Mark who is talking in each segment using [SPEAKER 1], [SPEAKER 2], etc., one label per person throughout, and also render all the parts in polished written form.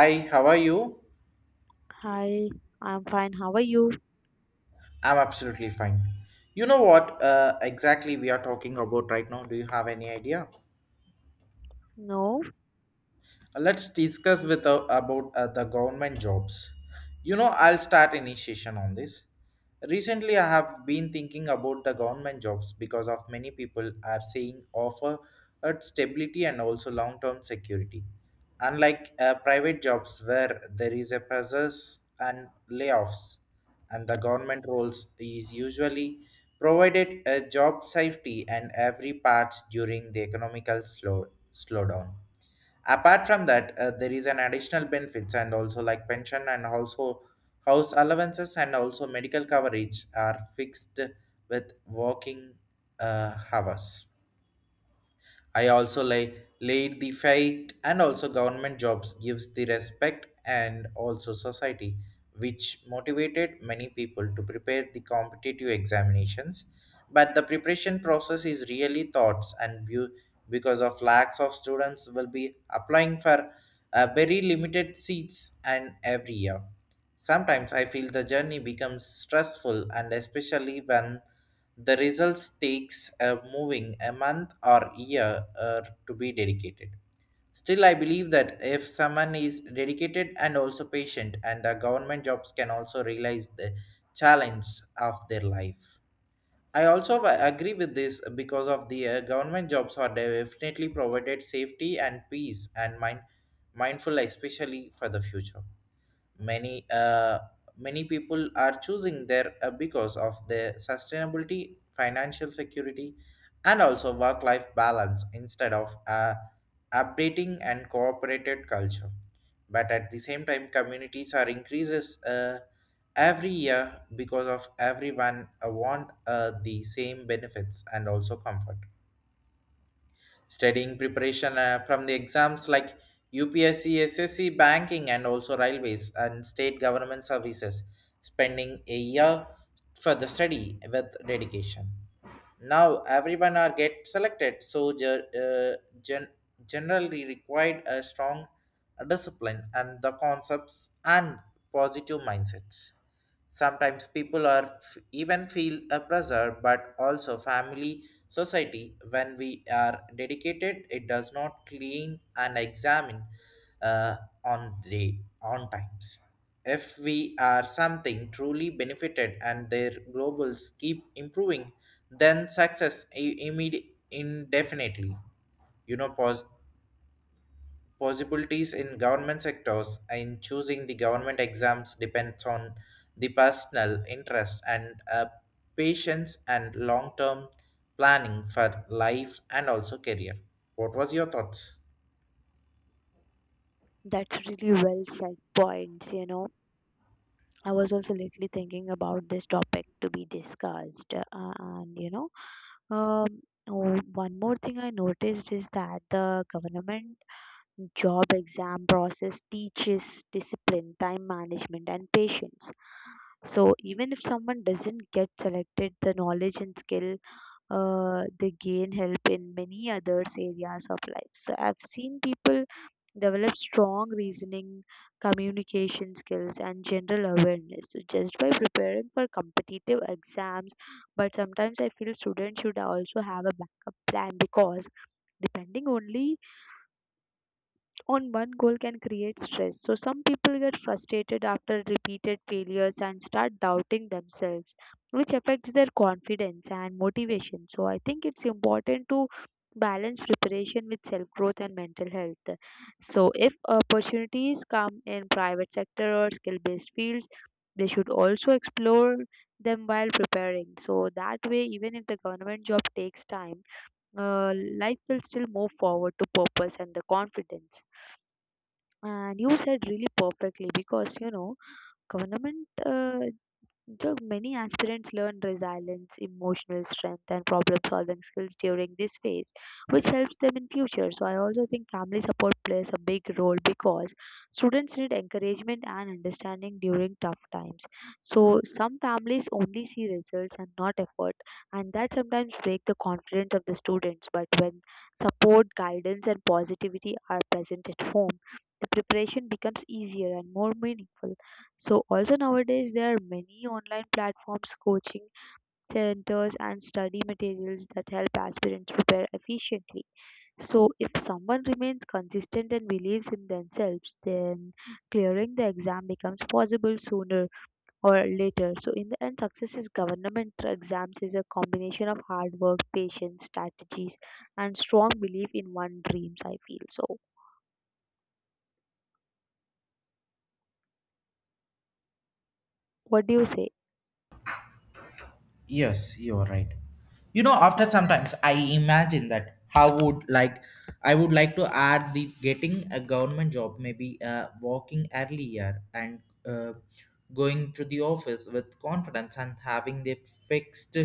[SPEAKER 1] Hi, how are you?
[SPEAKER 2] Hi, I'm fine. How are you?
[SPEAKER 1] I'm absolutely fine. You know what exactly we are talking about right now? Do you have any idea?
[SPEAKER 2] No,
[SPEAKER 1] Let's discuss with about the government jobs. You know, I'll start initiation on this. Recently, I have been thinking about the government jobs because of many people are saying offer stability and also long-term security. Unlike private jobs where there is a process and layoffs, and the government roles is usually provided a job safety and every part during the economical slowdown apart from that there is an additional benefits and also like pension and also house allowances and also medical coverage are fixed with working hours. I also lay laid the fight and also government jobs gives the respect and also society, which motivated many people to prepare the competitive examinations. But the preparation process is really thoughts and because of lacks of students will be applying for very limited seats and every year. Sometimes I feel the journey becomes stressful and especially when the results takes a moving a month or year to be dedicated. Still I believe that if someone is dedicated and also patient and the government jobs can also realize the challenge of their life. I also agree with this because of the government jobs are definitely provided safety and peace and mind mindful especially for the future. Many uh, many people are choosing there because of their sustainability, financial security, and also work life balance instead of updating and cooperated culture. But at the same time, communities are increases. Every year because of everyone want the same benefits and also comfort studying preparation from the exams like UPSC, SSC, banking, and also railways and state government services, spending a year for the study with dedication. Now everyone are get selected, so uh, gen- generally required a strong discipline and the concepts and positive mindsets. Sometimes people are even feel a pressure, but also family society when we are dedicated it does not clean and examine uh, on day on times if we are something truly benefited and their globals keep improving then success indefinitely you know pause possibilities in government sectors in choosing the government exams depends on the personal interest and patience and long-term planning for life and also career. What was your thoughts?
[SPEAKER 2] that's really well said points, you know. I was also lately thinking about this topic to be discussed. And, you know, um, oh, One more thing I noticed is that the government job exam process teaches discipline, time management, and patience. So even if someone doesn't get selected, the knowledge and skill they gain help in many others areas of life. So I've seen people develop strong reasoning, communication skills, and general awareness, so just by preparing for competitive exams. But sometimes I feel students should also have a backup plan, because depending only on one goal can create stress. So some people get frustrated after repeated failures and start doubting themselves, which affects their confidence and motivation. So I think it's important to balance preparation with self growth and mental health. So if opportunities come in private sector or skill based fields, they should also explore them while preparing. So that way, even if the government job takes time, uh, life will still move forward to purpose and the confidence. And you said really perfectly because, you know, government, many aspirants learn resilience, emotional strength, and problem-solving skills during this phase, which helps them in future. So I also think family support plays a big role, because students need encouragement and understanding during tough times. So some families only see results and not effort, and that sometimes break the confidence of the students. But when support, guidance, and positivity are present at home, the preparation becomes easier and more meaningful. So also, nowadays there are many online platforms, coaching centers, and study materials that help aspirants prepare efficiently. So if someone remains consistent and believes in themselves, then clearing the exam becomes possible sooner or later. So in the end, success is government exams is a combination of hard work, patience, strategies, and strong belief in one dreams, I feel. So what do you say?
[SPEAKER 1] Yes, you're right. You know, after sometimes I imagine that how would like I would like to add the getting a government job, maybe walking earlier and uh, going to the office with confidence and having the fixed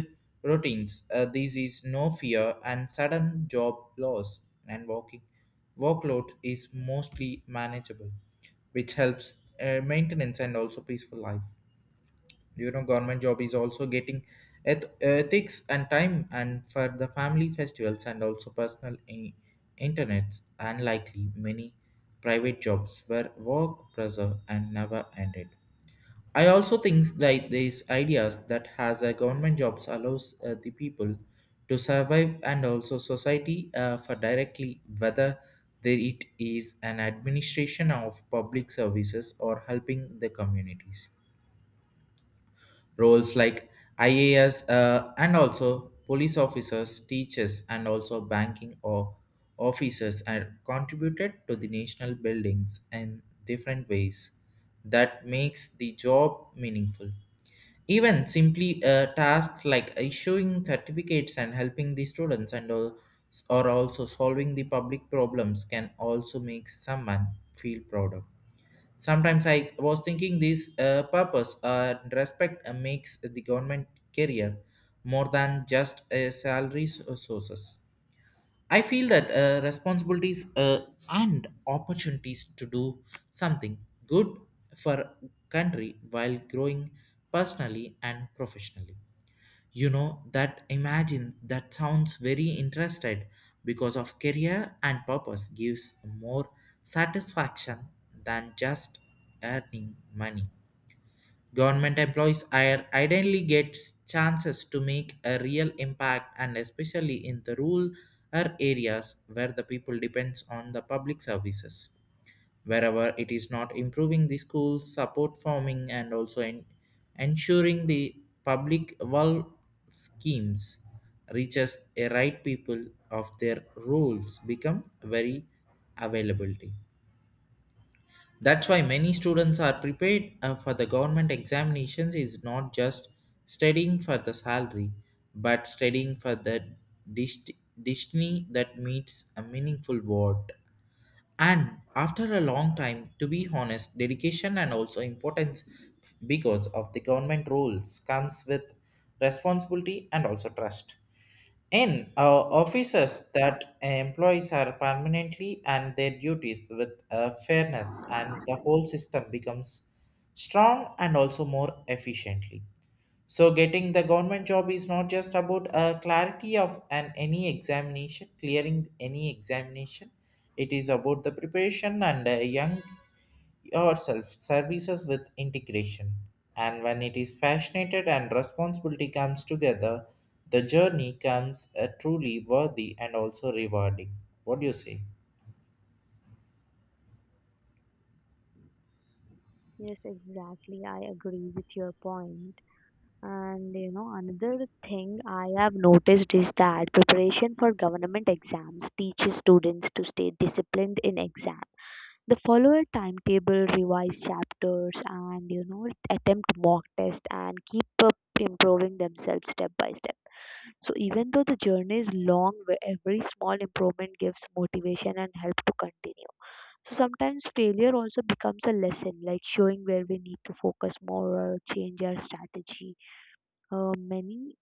[SPEAKER 1] routines. This is no fear and sudden job loss and walking workload is mostly manageable, which helps maintenance and also peaceful life. You know government job is also getting ethics and time and for the family festivals and also personal internets and likely many private jobs where work pressure and never ended. I also think that these ideas that has a government jobs allows the people to survive and also society for directly whether there it is an administration of public services or helping the communities roles like IAS and also police officers, teachers, and also banking or officers are contributed to the national buildings in different ways that makes the job meaningful. Even simply tasks like issuing certificates and helping the students and all, or also solving the public problems can also make someone feel proud of. Sometimes I was thinking this purpose and respect makes the government career more than just a salary or sources. I feel that responsibilities and opportunities to do something good for country while growing personally and professionally. You know that imagine that sounds very interested because of career and purpose gives more satisfaction than just earning money. Government employees are ideally gets chances to make a real impact and especially in the rural areas where the people depends on the public services wherever it is not improving the schools support farming and also ensuring the public well schemes reaches a right people of their roles become very availability. That's why many students are prepared for the government examinations is not just studying for the salary but studying for the dest- destiny that meets a meaningful word and after a long time, to be honest, dedication and also importance because of the government rules comes with responsibility and also trust. In offices that employees are permanently and their duties with fairness and the whole system becomes strong and also more efficiently. So getting the government job is not just about clarity of an any examination, clearing any examination. It is about the preparation and young yourself services with integration. And when it is passionate and responsibility comes together, the journey comes truly worthy and also rewarding. What do you say?
[SPEAKER 2] Yes, exactly. I agree with your point. And you know, another thing I have noticed is that preparation for government exams teaches students to stay disciplined in exam. They follow a timetable, revise chapters, and, you know, attempt mock test and keep up improving themselves step by step. So even though the journey is long, where every small improvement gives motivation and help to continue. So sometimes failure also becomes a lesson, like showing where we need to focus more or change our strategy. Many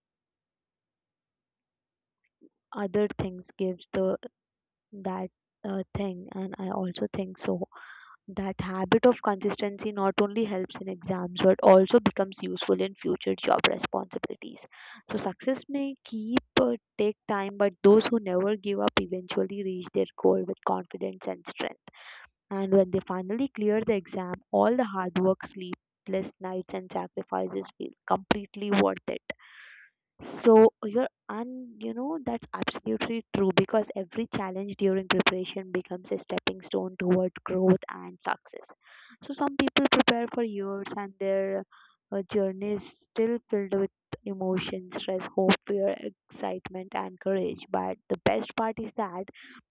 [SPEAKER 2] other things gives the that thing, and I also think so that habit of consistency not only helps in exams but also becomes useful in future job responsibilities. So success may keep take time, but those who never give up eventually reach their goal with confidence and strength. And when they finally clear the exam, all the hard work, sleepless nights, and sacrifices feel completely worth it. So you know, that's absolutely true because every challenge during preparation becomes a stepping stone toward growth and success. So some people prepare for years and their journey is still filled with emotion, stress, hope, fear, excitement, and courage. But the best part is that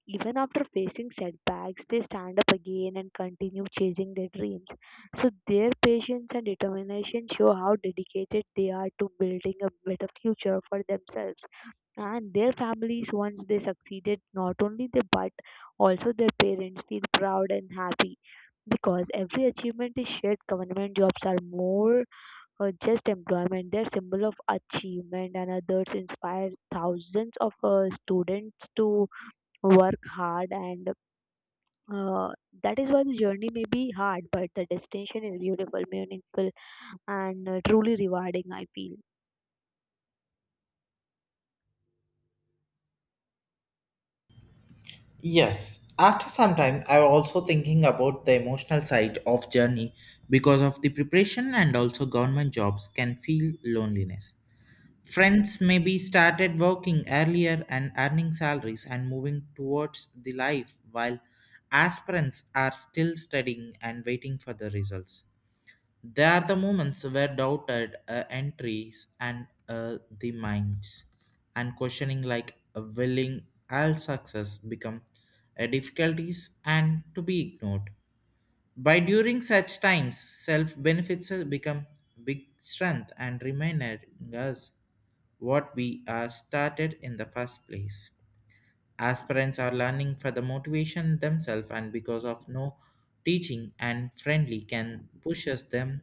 [SPEAKER 2] even after facing setbacks, they stand up again and continue chasing their dreams. So their patience and determination show how dedicated they are to building a better future for themselves and their families once they succeeded. Not only they, but also their parents feel proud and happy, because every achievement is shared. Government jobs are more just employment, they're symbol of achievement, and others inspire thousands of students to work hard. And uh, that is why the journey may be hard, but the destination is beautiful, meaningful, and truly rewarding, I feel.
[SPEAKER 1] Yes. After some time, I was also thinking about the emotional side of journey because of the preparation and also government jobs can feel loneliness. Friends maybe started working earlier and earning salaries and moving towards the life while aspirants are still studying and waiting for the results. They are the moments where doubted entries and the minds, and questioning like a willing all success become difficulties and to be ignored. By during such times, self benefits become big strength and reminding us what we are started in the first place. Aspirants are learning for the motivation themselves and because of no teaching and friendly can pushes them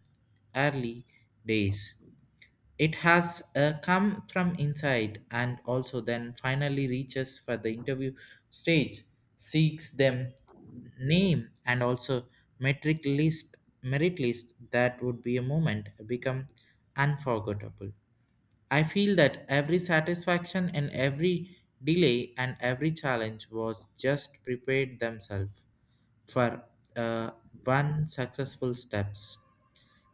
[SPEAKER 1] early days. It has come from inside and also then finally reaches for the interview stage, seeks them name and also metric list merit list that would be a moment become unforgettable. I feel that every satisfaction and every delay and every challenge was just prepared themselves for uh, one successful steps.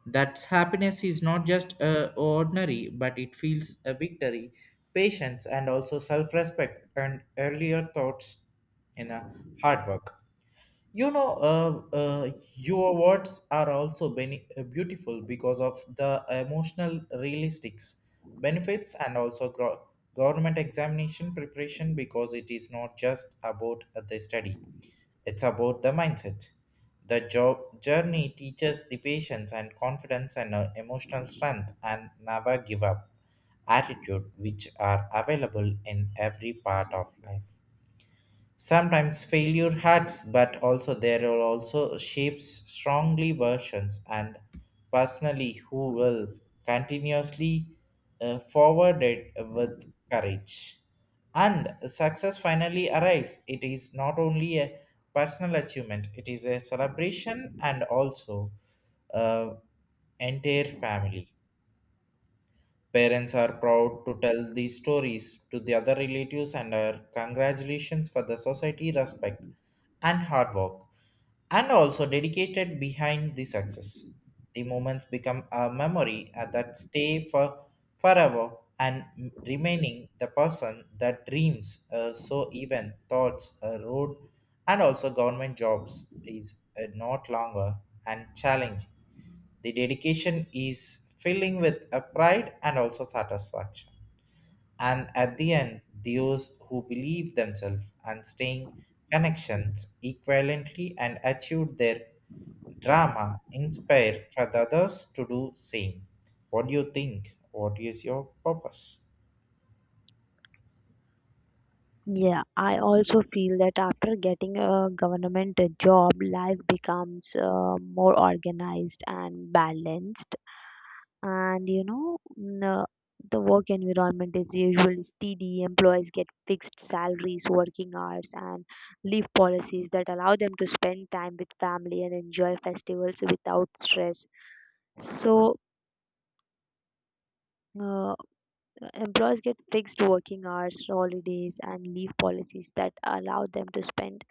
[SPEAKER 1] That happiness is not just ordinary, but it feels a victory, patience, and also self-respect and earlier thoughts in a hard work. You know, your words are also beautiful because of the emotional realistics benefits and also government examination preparation because it is not just about the study, it's about the mindset. The job journey teaches the patience and confidence and emotional strength and never give up attitude which are available in every part of life. Sometimes failure hurts, but also there are also shapes strongly versions and personally who will continuously forward it with courage. And success finally arrives. It is not only a personal achievement, it is a celebration and also uh, entire family. Parents are proud to tell these stories to the other relatives and are congratulations for the society respect and hard work and also dedicated behind the success. The moments become a memory that stay for forever and remaining the person that dreams so even thoughts a road and also government jobs is not longer and challenging the dedication is filling with a pride and also satisfaction. And at the end, those who believe themselves and staying connections equivalently and achieved their drama inspire for the others to do same. What do you think? What is your purpose?
[SPEAKER 2] Yeah, I also feel that after getting a government job, life becomes more organized and balanced. And you know, the work environment is usually steady. Employees get fixed salaries, working hours, and leave policies that allow them to spend time with family and enjoy festivals without stress. So uh, employees get fixed working hours, holidays, and leave policies that allow them to spend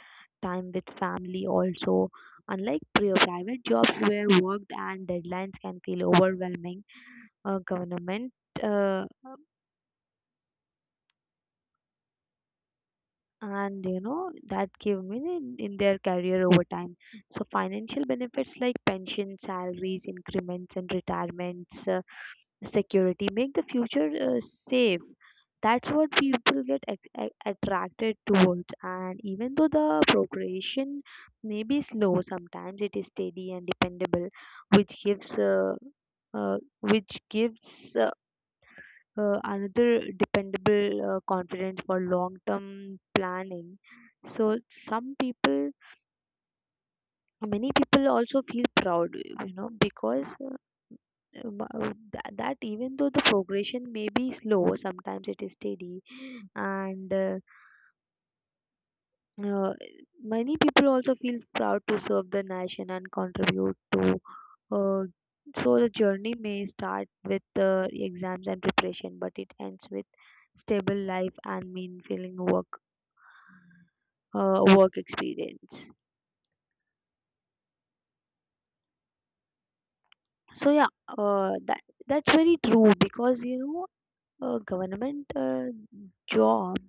[SPEAKER 2] time with family also, unlike pre private jobs where work and deadlines can feel overwhelming. Government uh, and you know, that give me in their career over time. So financial benefits like pension, salaries, increments, and retirements security make the future safe. That's what people get attracted towards. And even though the progression may be slow, sometimes it is steady and dependable, which gives uh, which gives another dependable confidence for long term planning. So some people many people also feel proud, you know, because that even though the progression may be slow, sometimes it is steady. And Uh, many people also feel proud to serve the nation and contribute to. Uh, so the journey may start with exams and preparation, but it ends with stable life and meaningful work work experience. So yeah, that's very true, because you know a government job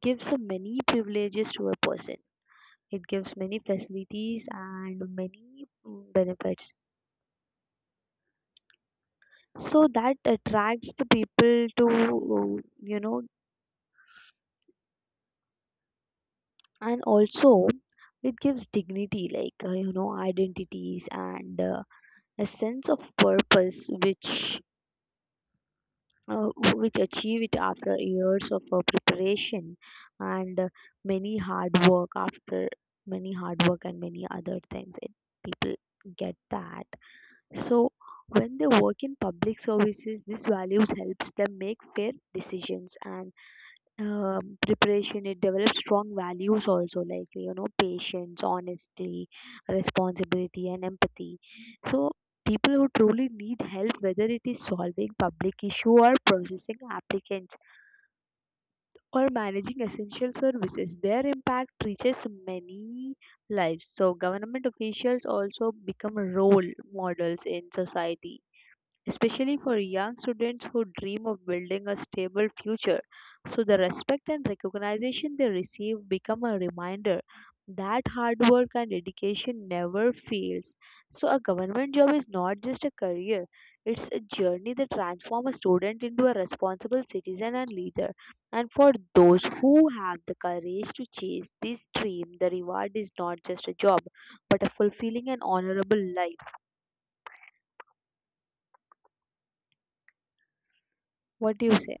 [SPEAKER 2] gives a many privileges to a person. It gives many facilities and many benefits, so that attracts the people to, you know. And also it gives dignity like, you know, identities and a sense of purpose uh, which achieve it after years of preparation and many hard work after many hard work and many other things, it, people get that. So when they work in public services, these values helps them make fair decisions. And uh, preparation, it develops strong values also, like, you know, patience, honesty, responsibility, and empathy. So people who truly need help, whether it is solving public issue or processing applicants or managing essential services, their impact reaches many lives. So government officials also become role models in society, especially for young students who dream of building a stable future. So the respect and recognition they receive become a reminder that hard work and dedication never fails. So a government job is not just a career. It's a journey that transforms a student into a responsible citizen and leader. And for those who have the courage to chase this dream, the reward is not just a job, but a fulfilling and honorable life. What do you say?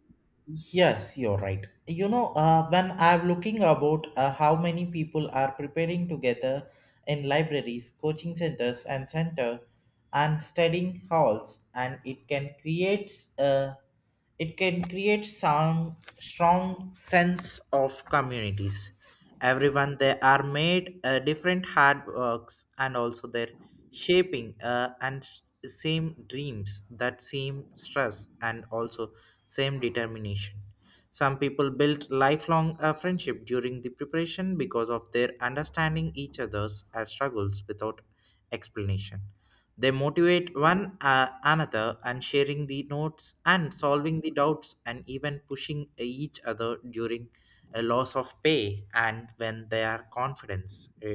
[SPEAKER 1] Yes, you're right. You know, when I'm looking about how many people are preparing together in libraries, coaching centers, and center and studying halls, and it can create uh, some strong sense of communities. Everyone they are made different hard works and also their shaping same dreams that same stress and also same determination. Some people built lifelong friendship during the preparation because of their understanding each other's struggles without explanation. They motivate one another and sharing the notes and solving the doubts and even pushing each other during a loss of pay and when their confidence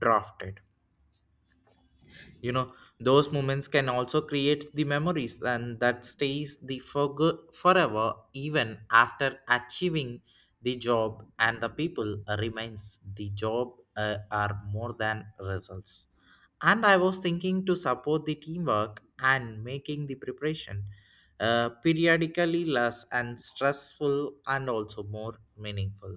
[SPEAKER 1] drafted. You know those moments can also create the memories and that stays the for good forever even after achieving the job and the people remains the job are more than results. And I was thinking to support the teamwork and making the preparation periodically less and stressful and also more meaningful.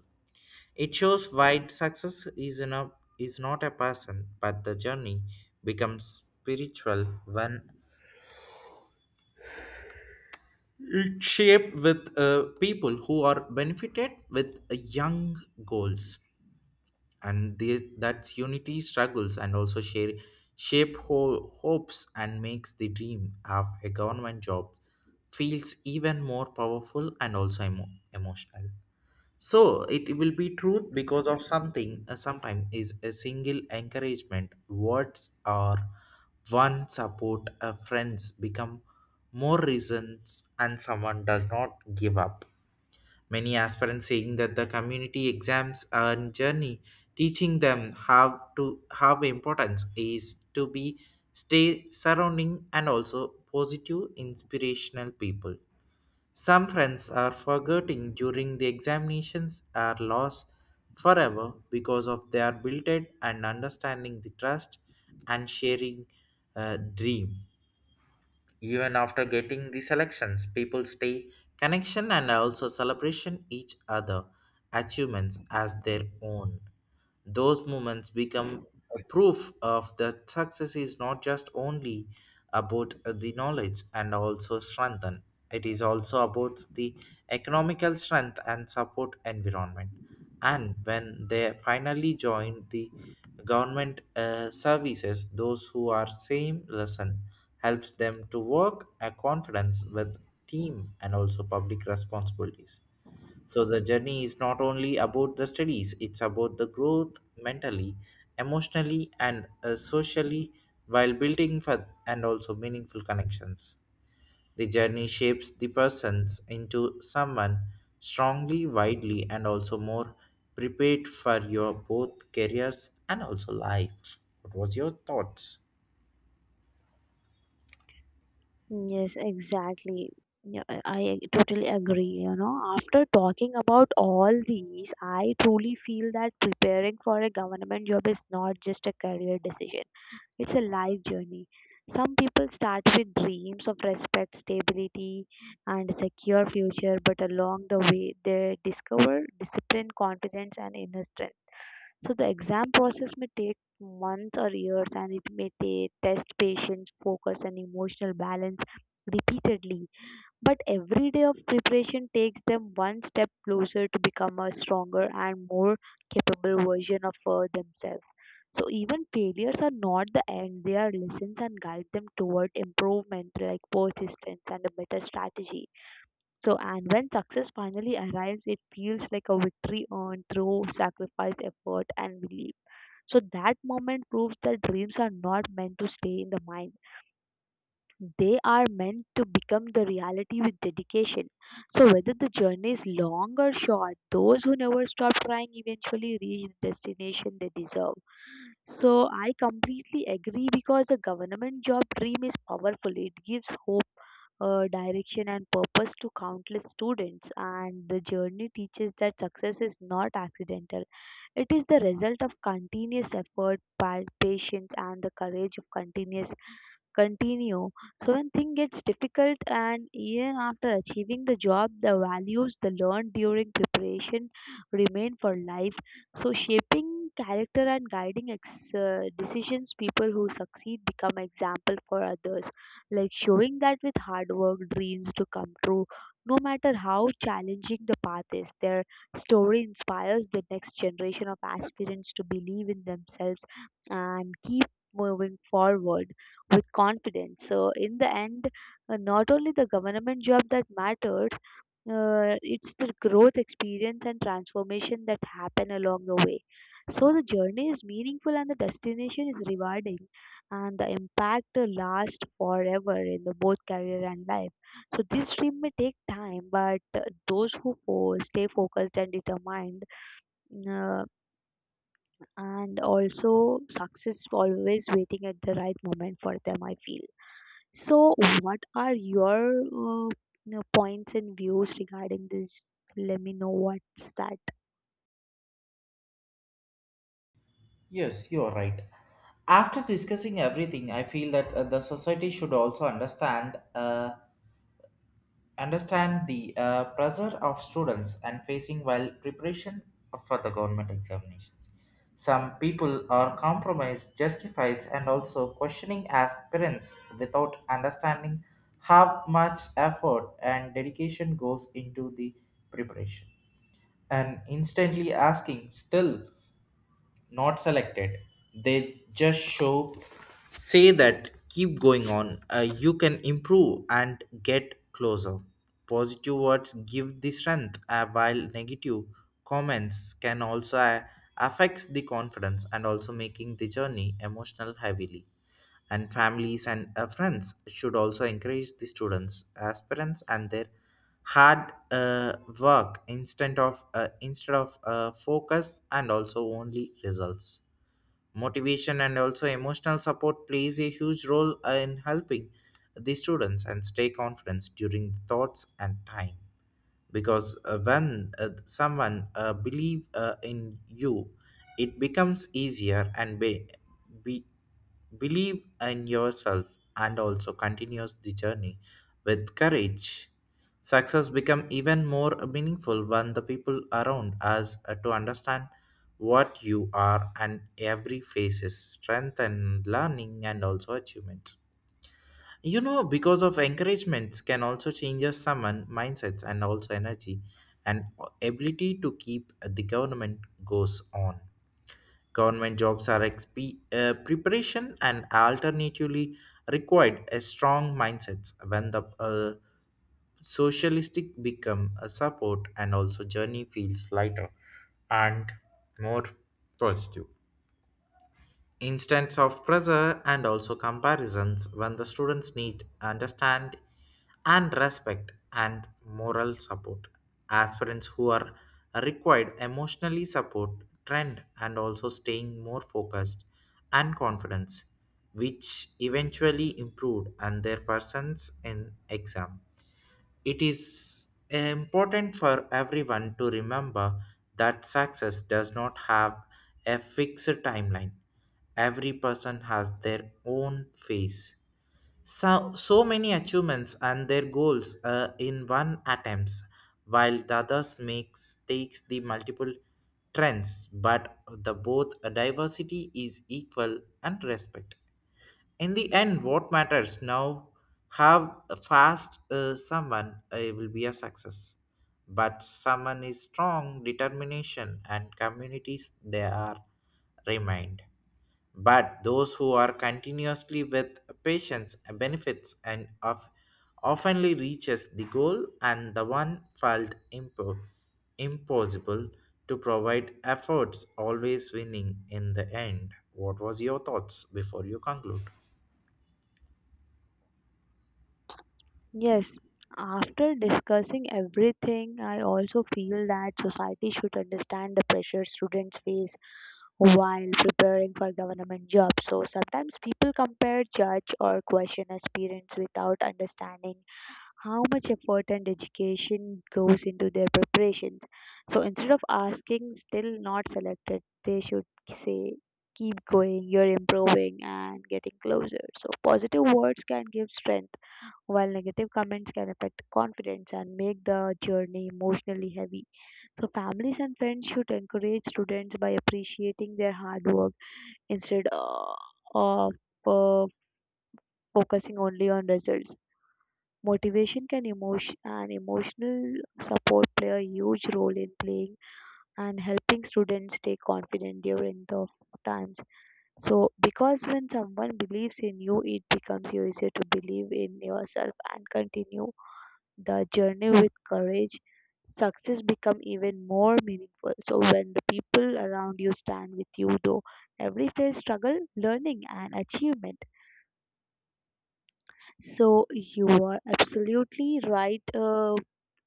[SPEAKER 1] It shows why success is, in a, is not a person, but the journey becomes spiritual when it's shaped with people who are benefited with young goals. And they, that's unity struggles and shape hopes and makes the dream of a government job feels even more powerful and also emotional. So it will be truth because of something. Sometimes is a single encouragement, words or one support. A friends become more reasons, and someone does not give up. Many aspirants saying that the community exams and journey teaching them how to have importance is to be stay surrounding and also positive inspirational people some friends are forgetting during the examinations are lost forever because of their built-in and understanding the trust and sharing dream. Even after getting the selections, people stay connection and also celebration each other achievements as their own. Those moments become a proof of that success is not just only about the knowledge and also strengthen. It is also about the economical strength and support environment. And when they finally join the government services, those who are same lesson helps them to work a confidence with team and also public responsibilities, so the journey is not only about the studies, it's about the growth mentally, emotionally, and socially while building for, and also meaningful connections. The journey shapes the persons into someone strongly, widely, and also more prepared for your both careers and also life. What was your thoughts?
[SPEAKER 2] Yes, exactly. Yeah, I totally agree. You know, after talking about all these, I truly feel that preparing for a government job is not just a career decision. It's a life journey. Some people start with dreams of respect, stability, and secure future, but along the way, they discover discipline, confidence, and inner strength. So the exam process may take months or years, and it may test patience, focus, and emotional balance repeatedly. But every day of preparation takes them one step closer to become a stronger and more capable version of themselves. So even failures are not the end, they are lessons and guide them toward improvement like persistence and a better strategy. So and when success finally arrives, it feels like a victory earned through sacrifice, effort, and belief. So that moment proves that dreams are not meant to stay in the mind, they are meant to become the reality with dedication. So, whether the journey is long or short, those who never stop trying eventually reach the destination they deserve. So, I completely agree, because a government job dream is powerful. It gives hope, direction, and purpose to countless students. And the journey teaches that success is not accidental, it is the result of continuous effort, patience, and the courage of continuous continue. So when things gets difficult, and even after achieving the job, the values the learned during preparation remain for life. So shaping character and guiding decisions, people who succeed become example for others, like showing that with hard work, dreams to come true. No matter how challenging the path is, their story inspires the next generation of aspirants to believe in themselves and keep moving forward with confidence. So in the end, not only the government job that matters, it's the growth experience and transformation that happen along the way. So the journey is meaningful and the destination is rewarding, and the impact lasts forever in the both career and life. So this dream may take time, but those who stay focused and determined, uh, and also success always waiting at the right moment for them, I feel. So, what are your you know, points and views regarding this? Let me know what's that.
[SPEAKER 1] Yes, you are right. After discussing everything, I feel that the society should also understand. Understand the pressure of students and facing while preparation for the government examination. Some people are compromised, justifies, and also questioning as parents without understanding how much effort and dedication goes into the preparation. And instantly asking, still not selected, they just show say that keep going on, you can improve and get closer. Positive words give the strength, while negative comments can also, affects the confidence and also making the journey emotional heavily, and families and friends should also encourage the students aspirants and their hard, work instead of focus and also only results. Motivation and also emotional support plays a huge role, in helping the students and stay confident during the thoughts and time, because when someone believe in you, it becomes easier and be Believe in yourself and also continues the journey with courage. Success become even more meaningful when the people around us are to understand what you are and every phase is strength and learning and also achievements. You know, because of encouragements can also change us someone mindsets and also energy and ability to keep the government goes on. Government preparation and alternatively required a strong mindsets when the socialistic become a support and also journey feels lighter and more positive, instance of pressure and also comparisons when the students need understand and respect and moral support. Aspirants who are required emotionally support trend and also staying more focused and confidence, which eventually improved and their persons in exam. It is important for everyone to remember that success does not have a fixed timeline. Every person has their own phase. So, so many achievements and their goals in one attempts, while the others makes takes the multiple trends, but the both diversity is equal and respect. In the end, what matters now, have a fast, someone will be a success, but someone is strong determination and communities they are remained, but those who are continuously with patience benefits and of oftenly reaches the goal and the one felt impossible to provide efforts always winning in the end. What was your thoughts before you conclude?
[SPEAKER 2] Yes, after discussing everything, I also feel that society should understand the pressure students face while preparing for government jobs. So, sometimes people compare, judge, or question aspirants without understanding how much effort and education goes into their preparations. So instead of asking, still not selected, they should say, keep going, you're improving and getting closer. So positive words can give strength, while negative comments can affect confidence and make the journey emotionally heavy. So families and friends should encourage students by appreciating their hard work instead of uh, focusing only on results. Motivation can emotion and emotional support play a huge role in playing and helping students stay confident during tough times. So because when someone believes in you, it becomes easier to believe in yourself and continue the journey with courage. Success become even more meaningful. So when the people around you stand with you, though every player struggle, learning and achievement. So you are absolutely right,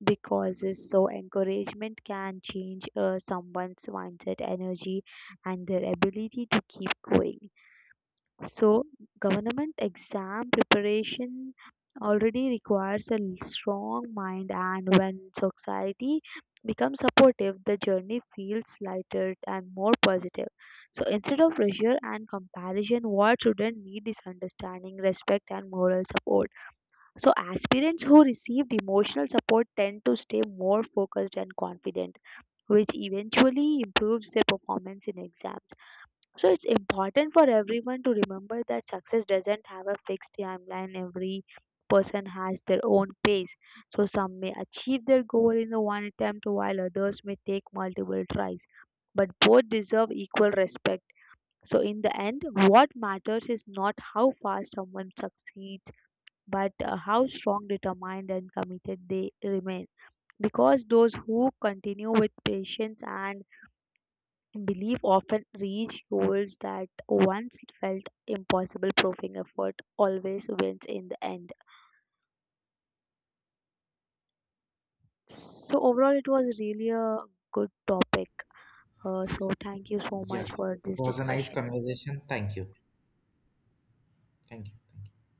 [SPEAKER 2] because so encouragement can change someone's mindset, energy, and their ability to keep going. So government exam preparation already requires a strong mind, and when society becomes supportive, the journey feels lighter and more positive. So instead of pressure and comparison, what students need is understanding, respect, and moral support. So, aspirants who receive emotional support tend to stay more focused and confident, which eventually improves their performance in exams. So, it's important for everyone to remember that success doesn't have a fixed timeline. Every person has their own pace. So, some may achieve their goal in the one attempt, while others may take multiple tries. But both deserve equal respect. So, in the end, what matters is not how fast someone succeeds, but how strong, determined, and committed they remain. Because those who continue with patience and belief often reach goals that once felt impossible, proving effort always wins in the end. So, overall, it was really a good topic. So, thank you so much
[SPEAKER 1] Yes,
[SPEAKER 2] for
[SPEAKER 1] it
[SPEAKER 2] this
[SPEAKER 1] was a nice
[SPEAKER 2] discussion.
[SPEAKER 1] conversation. Thank you. Thank you. Thank you.